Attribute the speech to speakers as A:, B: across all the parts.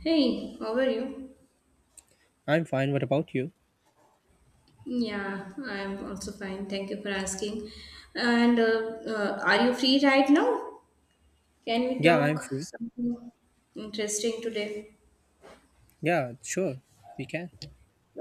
A: Hey, how are you?
B: I'm fine. What about you?
A: Yeah, I am also fine. Thank you for asking. And Are you free right now? Can we
B: Yeah, I'm
A: talk
B: free.
A: something interesting today?
B: Yeah, sure. We can.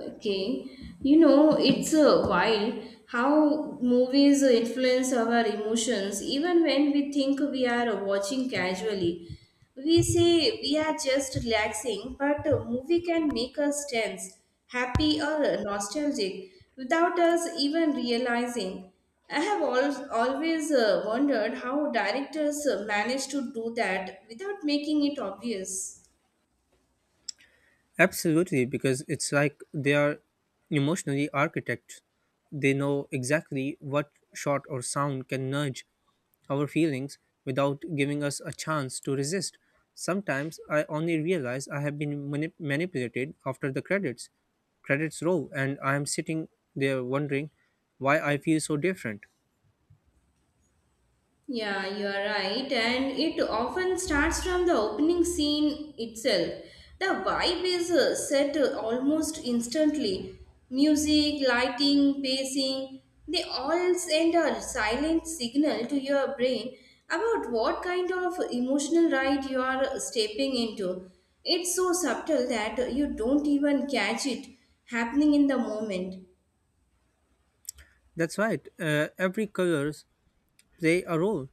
A: Okay, you know, it's wild how movies influence our emotions even when we think we are watching casually. We say we are just relaxing, but a movie can make us tense, happy, or nostalgic without us even realizing. I have always wondered how directors manage to do that without making it obvious.
B: Absolutely, because it's like they are emotionally architects. They know exactly what shot or sound can nudge our feelings without giving us a chance to resist. Sometimes I only realize I have been manipulated after the credits roll, and I am sitting there wondering why I feel so different.
A: Yeah, you are right, and it often starts from the opening scene itself. The vibe is set almost instantly. Music, lighting, pacing, they all send a silent signal to your brain about what kind of emotional ride you are stepping into. It's so subtle that you don't even catch it happening in the moment.
B: That's right. Every colors play a role.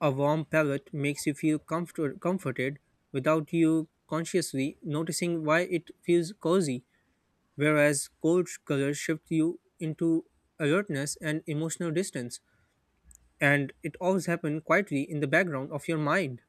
B: A warm palette makes you feel comforted without you consciously noticing why it feels cozy, whereas cold colors shift you into alertness and emotional distance, and it always happens quietly in the background of your mind.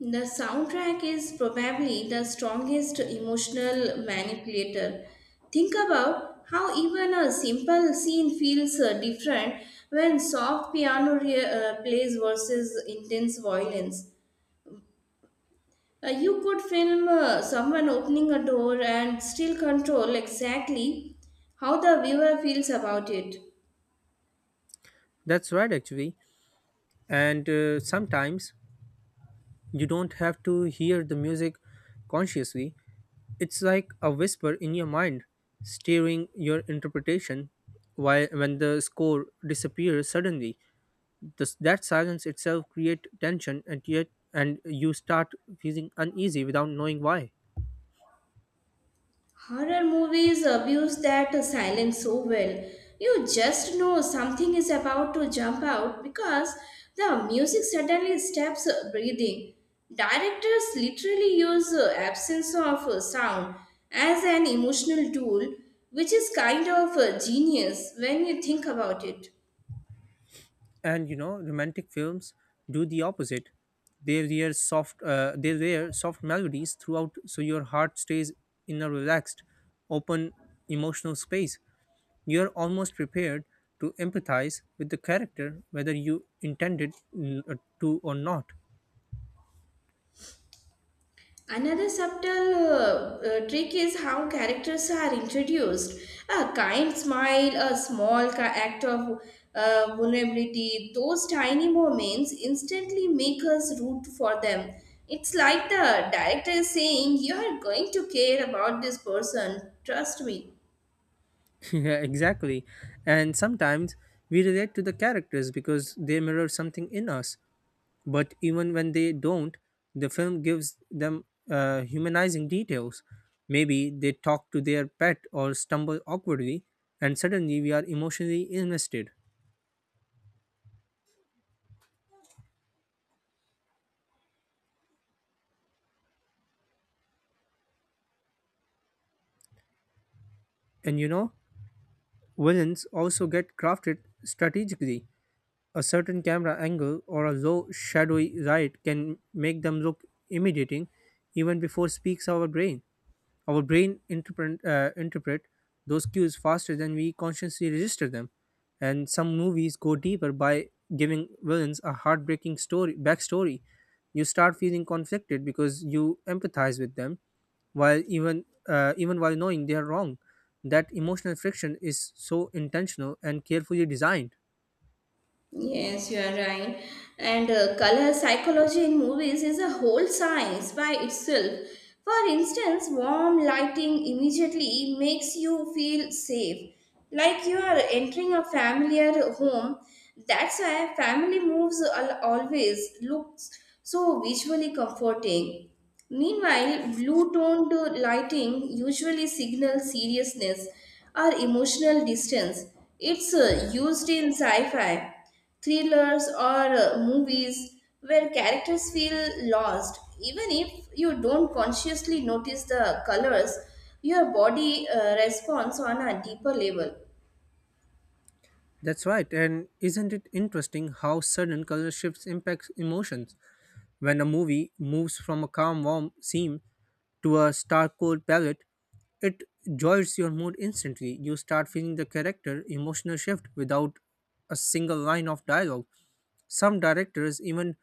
A: The soundtrack is probably the strongest emotional manipulator. Think about how even a simple scene feels different when soft piano plays versus intense violence. You could film someone opening a door and still control exactly how the viewer feels about it.
B: That's right, actually. And sometimes you don't have to hear the music consciously. It's like a whisper in your mind, steering your interpretation. While when the score disappears suddenly, that silence itself create tension, and yet and you start feeling uneasy without knowing why.
A: Horror movies abuse that silence so well. You just know something is about to jump out because the music suddenly stops breathing. Directors literally use absence of sound as an emotional tool, which is kind of genius when you think about it.
B: And romantic films do the opposite. They wear soft melodies throughout so your heart stays in a relaxed, open emotional space. You're almost prepared to empathize with the character whether you intended to or not.
A: Another subtle trick is how characters are introduced. A kind smile, a small act of vulnerability, those tiny moments instantly make us root for them. It's like the director is saying, "You are going to care about this person, trust me."
B: Yeah, exactly. And sometimes we relate to the characters because they mirror something in us. But even when they don't, the film gives them humanizing details. Maybe they talk to their pet or stumble awkwardly, and suddenly we are emotionally invested. And villains also get crafted strategically. A certain camera angle or a low shadowy light can make them look intimidating even before speaks our brain. Our brain interpret those cues faster than we consciously register them. And some movies go deeper by giving villains a heartbreaking story backstory. You start feeling conflicted because you empathize with them, while even while knowing they are wrong. That emotional friction is so intentional and carefully designed.
A: Yes, you are right. And color psychology in movies is a whole science by itself. For instance, warm lighting immediately makes you feel safe, like you are entering a familiar home. That's why family moves always looks so visually comforting. Meanwhile, blue toned lighting usually signals seriousness or emotional distance. It's used in sci fi thrillers or movies where characters feel lost. Even if you don't consciously notice the colors, your body responds on a deeper level.
B: That's right. And isn't it interesting how sudden color shifts impacts emotions? When a movie moves from a calm, warm scene to a stark, cold palette, it jolts your mood instantly. You start feeling the character emotional shift without a single line of dialogue. Some directors even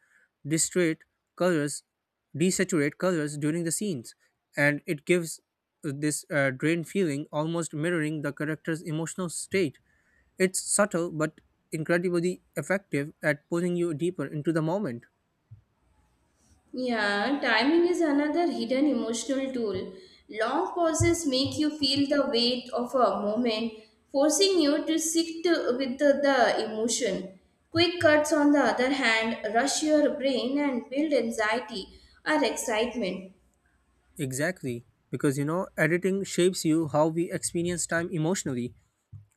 B: distrate colors, desaturate colors during the scenes, and it gives this drained feeling, almost mirroring the character's emotional state. It's subtle but incredibly effective at pulling you deeper into the moment.
A: Yeah, timing is another hidden emotional tool. Long pauses make you feel the weight of a moment, forcing you to sit with the emotion. Quick cuts on the other hand rush your brain and build anxiety or excitement.
B: Exactly, because editing shapes you how we experience time emotionally.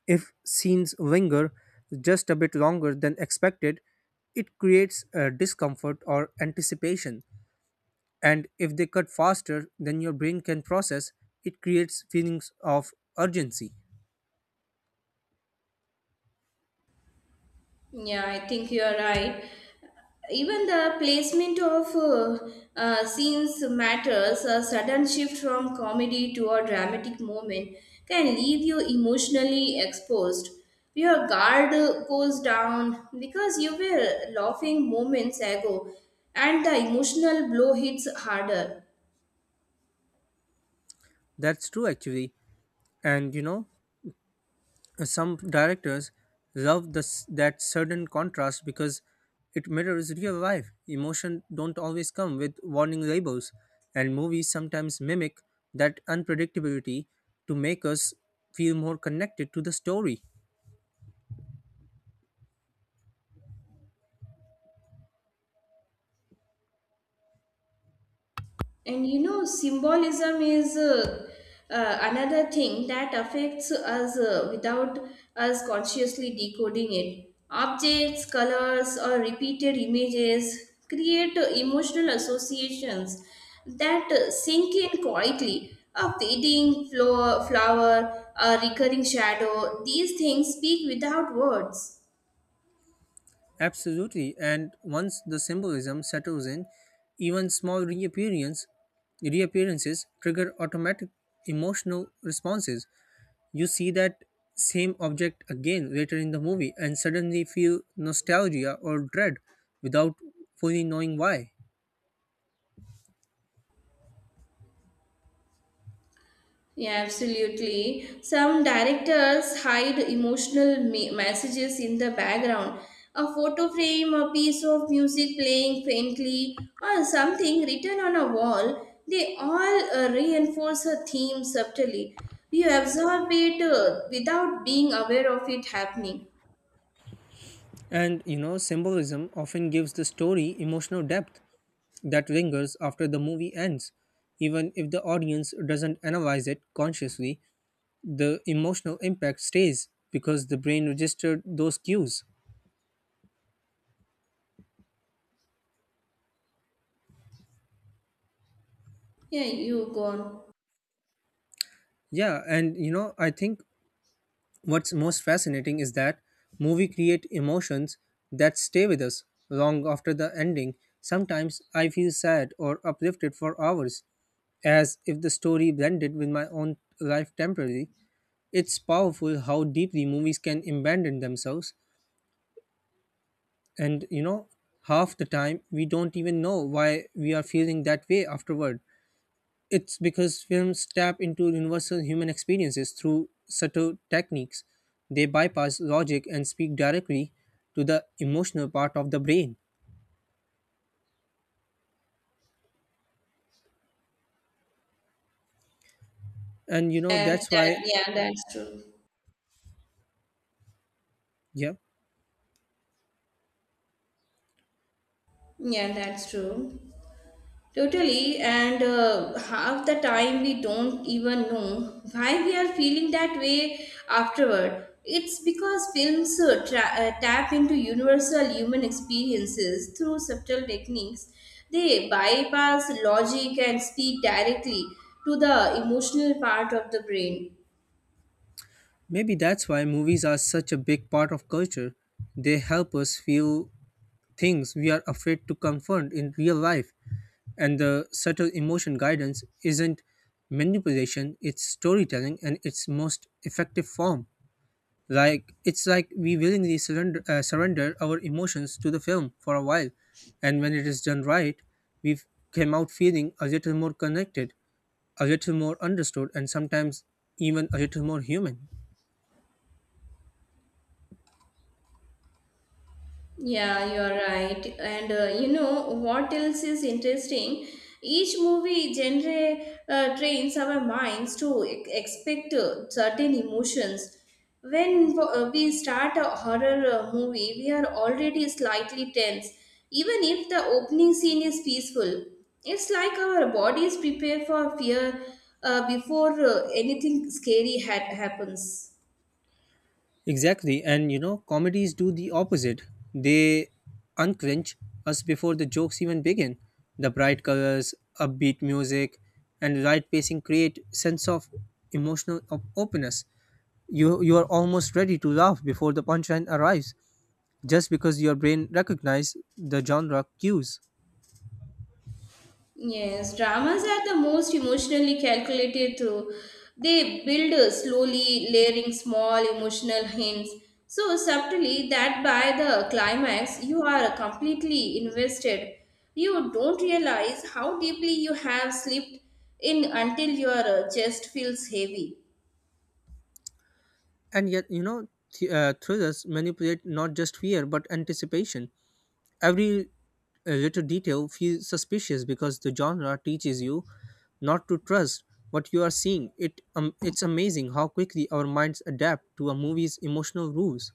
B: If scenes linger just a bit longer than expected, it creates discomfort or anticipation. And if they cut faster than your brain can process, it creates feelings of urgency.
A: Yeah, I think you are right. Even the placement of scenes matters. A sudden shift from comedy to a dramatic moment can leave you emotionally exposed. Your guard goes down because you were laughing moments ago, and the emotional blow hits harder.
B: That's true, actually. And some directors love that sudden contrast because it mirrors real life. Emotion don't always come with warning labels, and movies sometimes mimic that unpredictability to make us feel more connected to the story.
A: And you know, symbolism is another thing that affects us without us consciously decoding it. Objects, colors, or repeated images create emotional associations that sink in quietly. A fading flower, a recurring shadow, these things speak without words.
B: Absolutely, and once the symbolism settles in, even small reappearances trigger automatic emotional responses. You see that same object again later in the movie and suddenly feel nostalgia or dread without fully knowing why.
A: Yeah, absolutely. Some directors hide emotional messages in the background. A photo frame, a piece of music playing faintly, or something written on a wall, they all reinforce a theme subtly. You absorb it without being aware of it happening.
B: And symbolism often gives the story emotional depth that lingers after the movie ends. Even if the audience doesn't analyze it consciously, the emotional impact stays because the brain registered those cues.
A: Yeah, you go on.
B: Yeah, and I think what's most fascinating is that movie create emotions that stay with us long after the ending. Sometimes I feel sad or uplifted for hours, as if the story blended with my own life temporarily. It's powerful how deeply movies can abandon themselves, and half the time we don't even know why we are feeling that way afterward. It's because films tap into universal human experiences through subtle techniques. They bypass logic and speak directly to the emotional part of the brain. And
A: Yeah,
B: that's
A: that,
B: why,
A: yeah, that's true.
B: yeah,
A: Yeah, that's true. Totally, and half the time we don't even know why we are feeling that way afterward. It's because films tap into universal human experiences through subtle techniques. They bypass logic and speak directly to the emotional part of the brain.
B: maybe that's why movies are such a big part of culture. They help us feel things we are afraid to confront in real life. And the subtle emotion guidance isn't manipulation, it's storytelling and its most effective form. It's like we willingly surrender our emotions to the film for a while, and when it is done right, we came out feeling a little more connected, a little more understood, and sometimes even a little more human.
A: Yeah, you're right. And you know what else is interesting? Each movie genre trains our minds to expect certain emotions. When we start a horror movie, we are already slightly tense, even if the opening scene is peaceful. It's like our bodies prepare for fear before anything scary happens.
B: Exactly, and comedies do the opposite. They unclench us before the jokes even begin. The bright colors, upbeat music, and right pacing create sense of emotional openness. You are almost ready to laugh before the punchline arrives, just because your brain recognizes the genre cues.
A: Yes, dramas are the most emotionally calculated through. They build slowly, layering small emotional hints so subtly that by the climax you are completely invested. You don't realize how deeply you have slept in until your chest feels heavy.
B: And yet, thrillers manipulate not just fear but anticipation. Every little detail feels suspicious because the genre teaches you not to trust what you are seeing. It's amazing how quickly our minds adapt to a movie's emotional rules.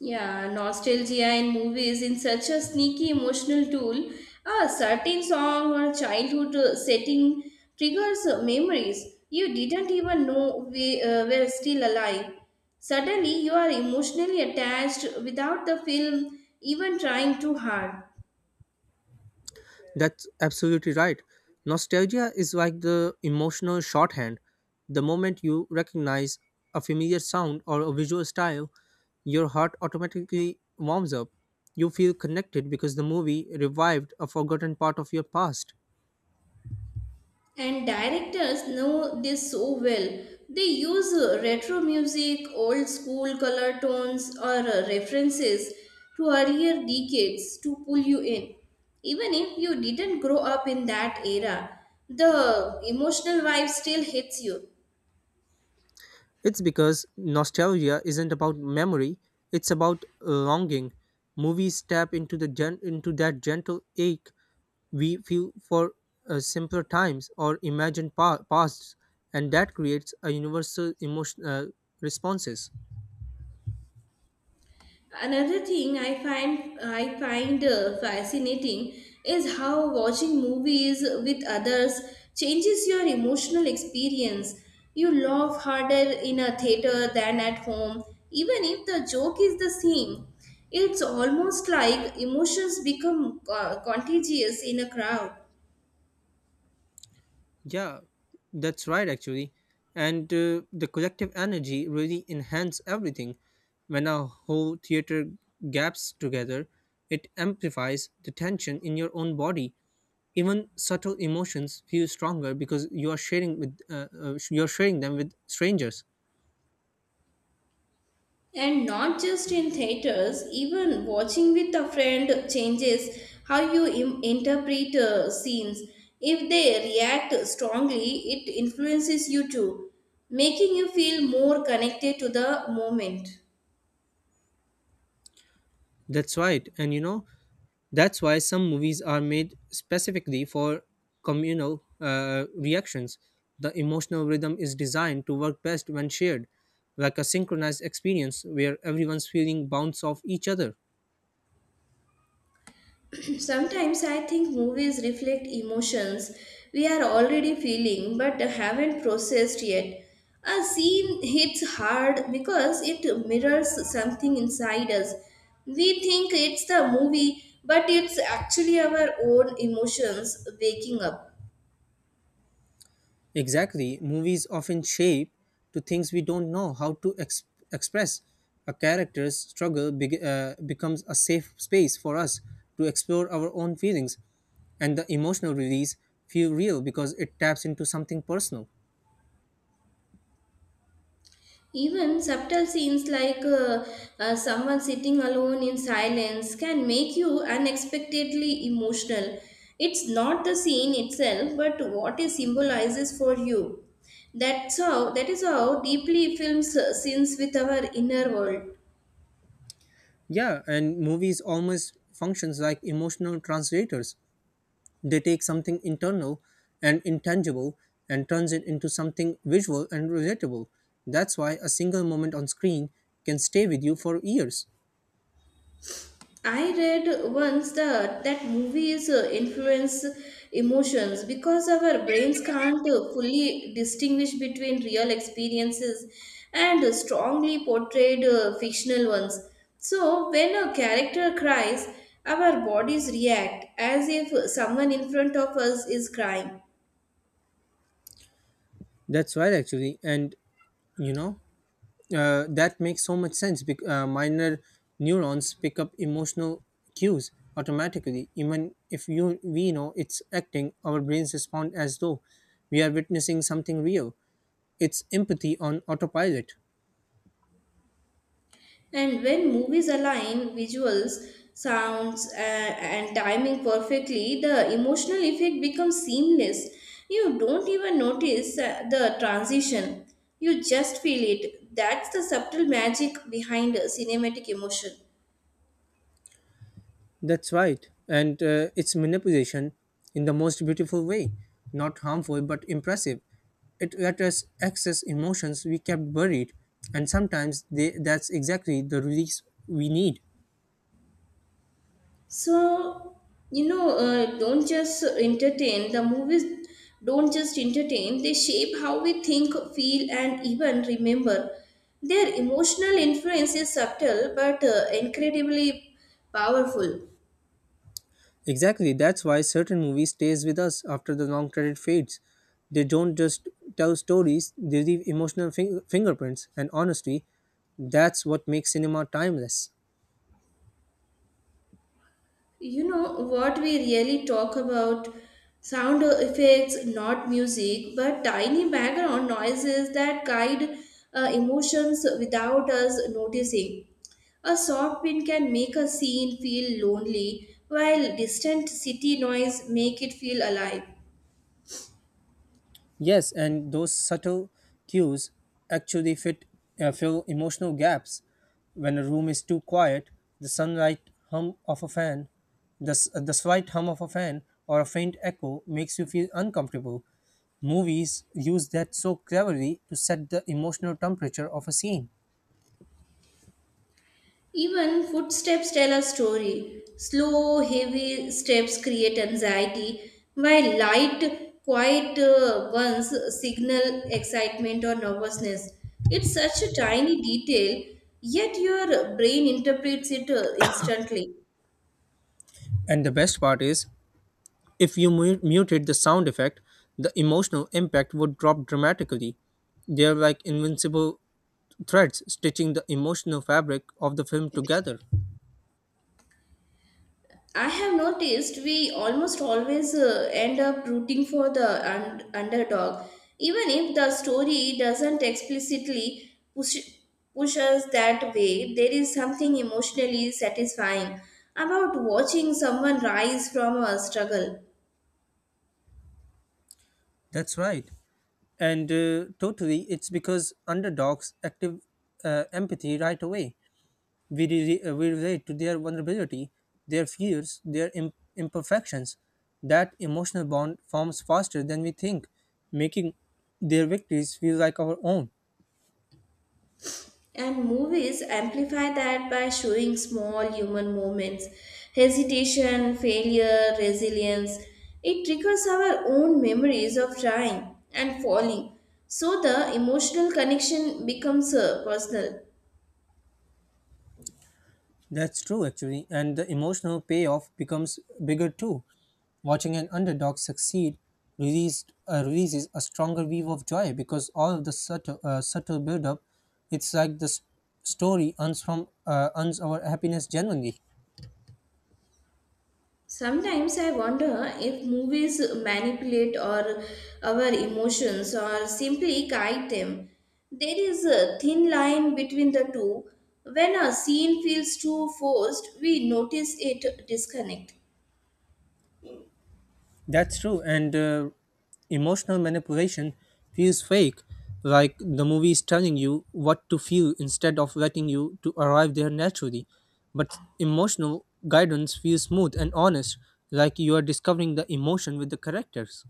A: Yeah, nostalgia in movies in such a sneaky emotional tool. A certain song or childhood setting triggers memories you didn't even know we were still alive. Suddenly, you are emotionally attached without the film even trying too hard.
B: That's absolutely right. Nostalgia is like the emotional shorthand. The moment you recognize a familiar sound or a visual style, your heart automatically warms up. You feel connected because the movie revived a forgotten part of your past.
A: And directors know this so well. They use retro music, old school color tones, or references to earlier decades to pull you in. Even if you didn't grow up in that era, the emotional vibe still hits you.
B: It's because nostalgia isn't about memory, it's about longing. Movies tap into that gentle ache. We feel for simpler times or imagined pasts, and that creates a universal emotion responses.
A: Another thing I find fascinating is how watching movies with others changes your emotional experience. You laugh harder in a theater than at home, even if the joke is the same. It's almost like emotions become contagious in a crowd.
B: Yeah, that's right actually. And the collective energy really enhance everything. When a whole theater gaps together, it amplifies the tension in your own body. Even subtle emotions feel stronger because you are sharing them with strangers.
A: And not just in theaters, even watching with a friend changes how you interpret scenes. If they react strongly, it influences you too, making you feel more connected to the moment.
B: That's right. And that's why some movies are made specifically for communal reactions. The emotional rhythm is designed to work best when shared, like a synchronized experience where everyone's feeling bounce off each other.
A: Sometimes I think movies reflect emotions we are already feeling but haven't processed yet. A scene hits hard because it mirrors something inside us. We think it's the movie, but it's actually our own emotions waking up.
B: Exactly, movies often shape to things we don't know how to express. A character's struggle becomes a safe space for us to explore our own feelings, and the emotional release feel real because it taps into something personal.
A: Even subtle scenes like someone sitting alone in silence can make you unexpectedly emotional. It's not the scene itself, but what it symbolizes for you. That is how deeply films scenes with our inner world.
B: Yeah, and movies almost functions like emotional translators. They take something internal and intangible and turns it into something visual and relatable. That's why a single moment on screen can stay with you for years.
A: I read once that movies influence emotions because our brains can't fully distinguish between real experiences and strongly portrayed fictional ones. So when a character cries, our bodies react as if someone in front of us is crying.
B: That's right, actually, and you know that makes so much sense. Because, minor neurons pick up emotional cues automatically, even if you we know it's acting. Our brains respond as though we are witnessing something real. It's empathy on autopilot.
A: And when movies align visuals, sounds, and timing perfectly, the emotional effect becomes seamless. You don't even notice the transition, you just feel it. That's the subtle magic behind a cinematic emotion.
B: That's right. And it's manipulation in the most beautiful way. Not harmful, but impressive. It let us access emotions we kept buried. And sometimes that's exactly the release we need.
A: So, you know, don't just entertain. The movies don't just entertain, they shape how we think, feel, and even remember. Their emotional influence is subtle but incredibly powerful.
B: Exactly. That's why certain movies stays with us after the long credit fades. They don't just tell stories, they leave emotional fingerprints. And honestly, that's what makes cinema timeless.
A: You know, what we really talk about: sound effects, not music, but tiny background noises that guide emotions without us noticing. A soft wind can make a scene feel lonely, while distant city noise make it feel alive.
B: Yes, and those subtle cues actually fit fill emotional gaps. When a room is too quiet, the sunlight hum of a fan, the slight hum of a fan, or a faint echo makes you feel uncomfortable. Movies use that so cleverly to set the emotional temperature of a scene.
A: Even footsteps tell a story. Slow, heavy steps create anxiety, while light, quiet ones signal excitement or nervousness. It's such a tiny detail, yet your brain interprets it instantly.
B: And the best part is, if you muted the sound effect, the emotional impact would drop dramatically. They're like invincible threads stitching the emotional fabric of the film together.
A: I have noticed we almost always end up rooting for the underdog, even if the story doesn't explicitly push us that way. There is something emotionally satisfying about watching someone rise from a struggle.
B: That's right. And totally, it's because underdogs active empathy right away. We relate to their vulnerability, their fears, their imperfections. That emotional bond forms faster than we think, making their victories feel like our own.
A: And movies amplify that by showing small human moments, hesitation, failure, resilience. It triggers our own memories of trying and falling. So the emotional connection becomes personal.
B: That's true, actually, and the emotional payoff becomes bigger too. Watching an underdog succeed releases a stronger wave of joy because all of the subtle build-up. It's like the story earns our happiness genuinely.
A: Sometimes I wonder if movies manipulate or our emotions or simply guide them. There is a thin line between the two. When a scene feels too forced, we notice it disconnect.
B: That's true, and emotional manipulation feels fake, like the movie is telling you what to feel instead of letting you to arrive there naturally. But emotional guidance feels smooth and honest, like you are discovering the emotion with the characters.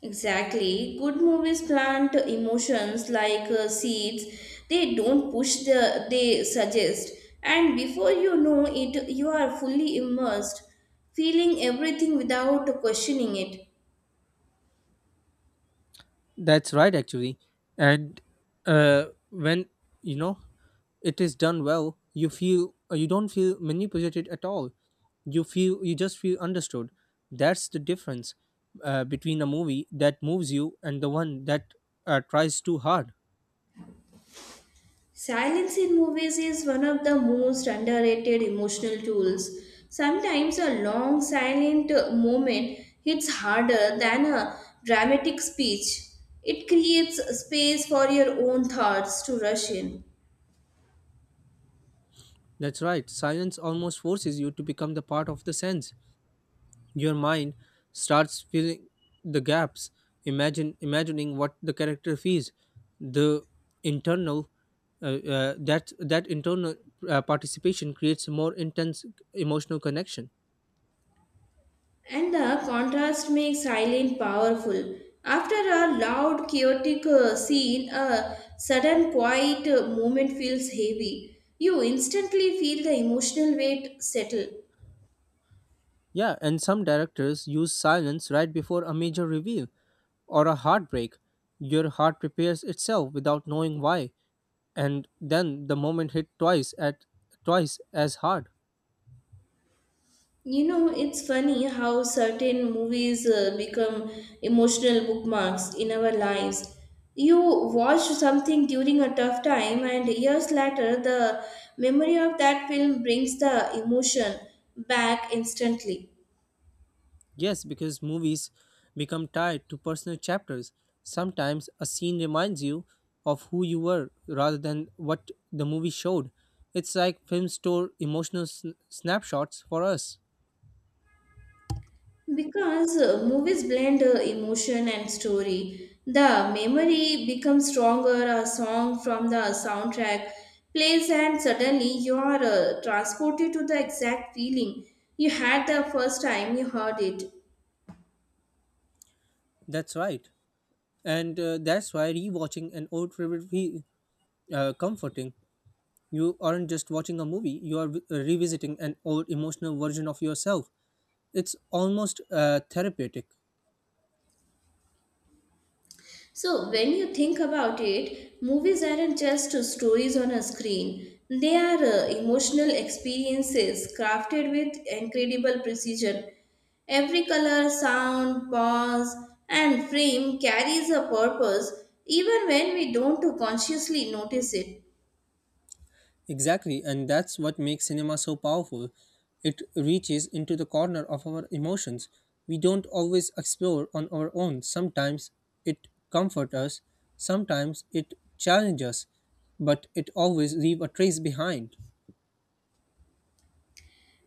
A: Exactly. Good movies plant emotions like seeds. They don't push the they suggest, and before you know it you are fully immersed, feeling everything without questioning it.
B: That's right, actually. And when you know it is done well, you don't feel manipulated at all. You just feel understood. That's the difference between a movie that moves you and the one that tries too hard.
A: Silence in movies is one of the most underrated emotional tools. Sometimes a long silent moment hits harder than a dramatic speech. It creates space for your own thoughts to rush in.
B: That's right. Silence almost forces you to become the part of the sense. Your mind starts filling the gaps, imagine imagining what the character feels. The internal uh, uh, that that internal uh, participation creates a more intense emotional connection.
A: And the contrast makes silent powerful. After a loud, chaotic scene, a sudden quiet moment feels heavy. You instantly feel the emotional weight settle.
B: Yeah, and some directors use silence right before a major reveal or a heartbreak. Your heart prepares itself without knowing why, and then the moment hit twice as hard.
A: You know, it's funny how certain movies become emotional bookmarks in our lives. You watch something during a tough time, and years later, the memory of that film brings the emotion back instantly.
B: Yes, because movies become tied to personal chapters. Sometimes a scene reminds you of who you were rather than what the movie showed. It's like films store emotional snapshots for us.
A: Because movies blend emotion and story, the memory becomes stronger. A song from the soundtrack plays, and suddenly you are transported to the exact feeling you had the first time you heard it.
B: That's right. And that's why rewatching an old favorite feel comforting. You aren't just watching a movie, you are revisiting an old emotional version of yourself. It's almost therapeutic.
A: So, when you think about it, movies aren't just stories on a screen. They are emotional experiences crafted with incredible precision. Every color, sound, pause, and frame carries a purpose even when we don't consciously notice it.
B: Exactly, and that's what makes cinema so powerful. It reaches into the corner of our emotions. We don't always explore on our own. Sometimes it comforts us, sometimes it challenges us, but it always leaves a trace behind.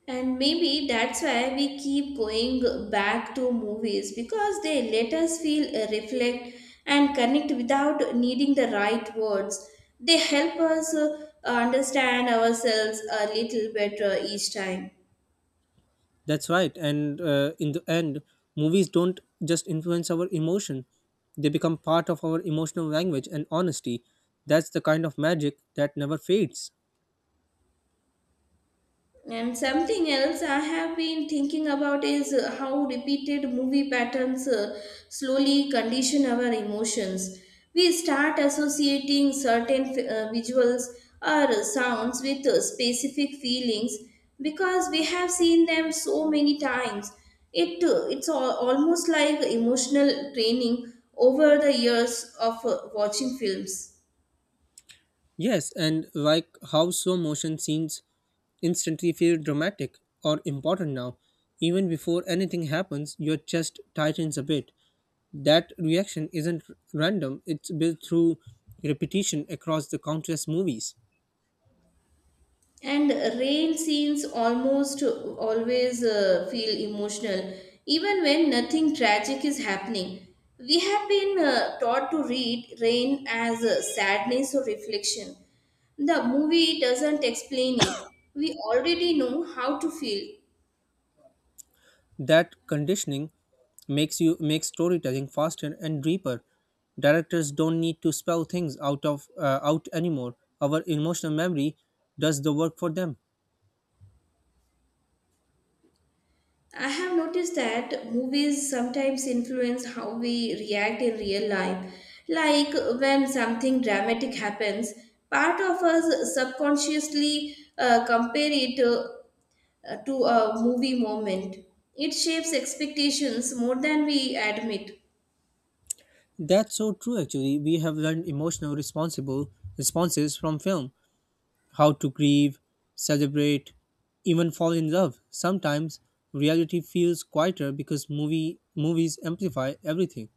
A: And maybe that's why we keep going back to movies, because they let us feel, reflect, and connect without needing the right words. They help us understand ourselves a little better each time.
B: That's right, and in the end, movies don't just influence our emotion, they become part of our emotional language and honesty. That's the kind of magic that never fades.
A: And something else I have been thinking about is how repeated movie patterns slowly condition our emotions. We start associating certain visuals or sounds with specific feelings because we have seen them so many times. It's almost like emotional training over the years of watching films.
B: Yes, and like how slow motion scenes instantly feel dramatic or important now. Even before anything happens, your chest tightens a bit. That reaction isn't random, it's built through repetition across the countless movies.
A: And rain scenes almost always feel emotional even when nothing tragic is happening. We have been taught to read rain as sadness or reflection. The movie doesn't explain it, we already know how to feel.
B: That conditioning makes you make storytelling faster and deeper. Directors don't need to spell things out anymore. Our emotional memory does the work for them.
A: I have noticed that movies sometimes influence how we react in real life. Like when something dramatic happens, part of us subconsciously compare it to a movie moment. It shapes expectations more than we admit.
B: That's so true actually. We have learned emotional responsible responses from film: how to grieve, celebrate, even fall in love. Sometimes reality feels quieter because movies amplify everything.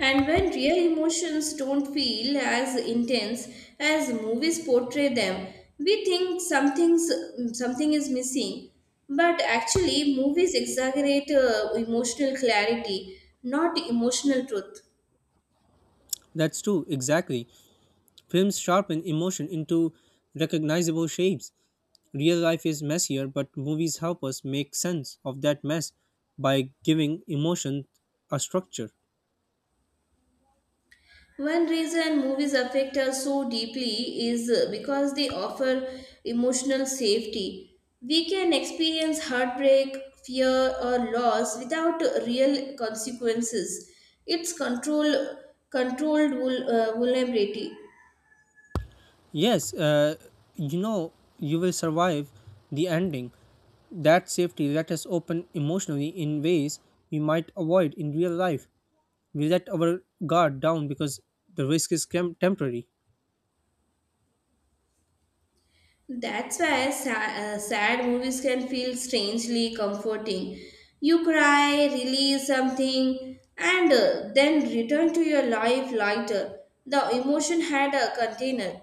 A: And when real emotions don't feel as intense as movies portray them, we think something is missing. But actually, movies exaggerate emotional clarity, not emotional truth.
B: That's true, exactly. Films sharpen emotion into recognizable shapes. Real life is messier, but movies help us make sense of that mess by giving emotion a structure.
A: One reason movies affect us so deeply is because they offer emotional safety. We can experience heartbreak, fear, or loss without real consequences. It's controlled vulnerability.
B: Yes, you know, you will survive the ending. That safety let us open emotionally in ways we might avoid in real life. We let our guard down because the risk is temporary.
A: That's why sad movies can feel strangely comforting. You cry, release something, and then return to your life lighter. The emotion had a container.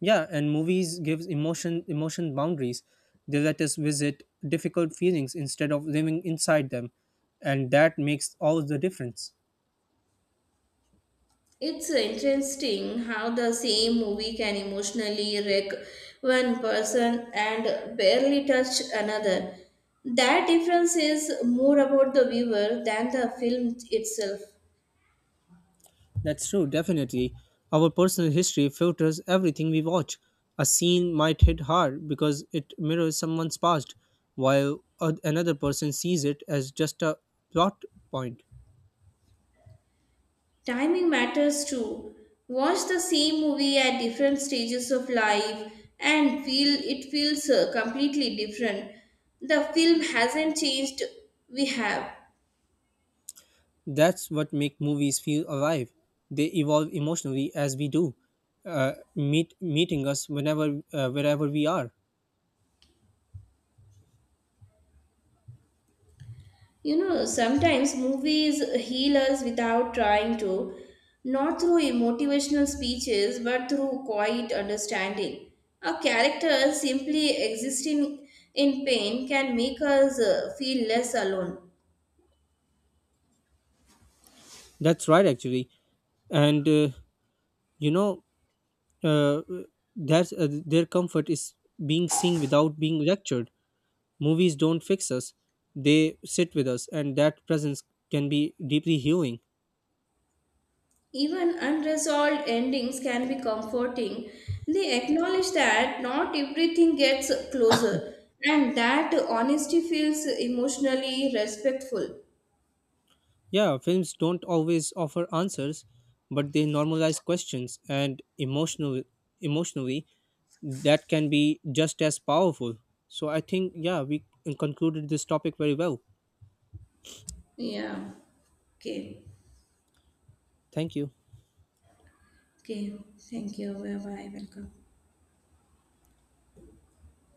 B: Yeah, and movies gives emotion boundaries. They let us visit difficult feelings instead of living inside them, and that makes all the difference.
A: It's interesting how the same movie can emotionally wreck one person and barely touch another. That difference is more about the viewer than the film itself.
B: That's true, definitely. Our personal history filters everything we watch. A scene might hit hard because it mirrors someone's past, while another person sees it as just a plot point.
A: Timing matters too. Watch the same movie at different stages of life and feel it feels completely different. The film hasn't changed, we have.
B: That's what make movies feel alive. They evolve emotionally as we do, meeting us whenever wherever we are.
A: You know, sometimes movies heal us without trying to, not through motivational speeches, but through quiet understanding. A character simply existing in pain can make us feel less alone.
B: That's right, actually, and uh, you know uh, that uh, their comfort is being seen without being lectured. Movies don't fix us, they sit with us, and that presence can be deeply healing.
A: Even unresolved endings can be comforting. They acknowledge that not everything gets closer, and that honesty feels emotionally respectful.
B: Yeah, films don't always offer answers, but they normalize questions and emotionally that can be just as powerful. So I think yeah, we concluded this topic very well.
A: Yeah, okay.
B: Thank you.
A: Okay, thank you. Bye bye. Welcome.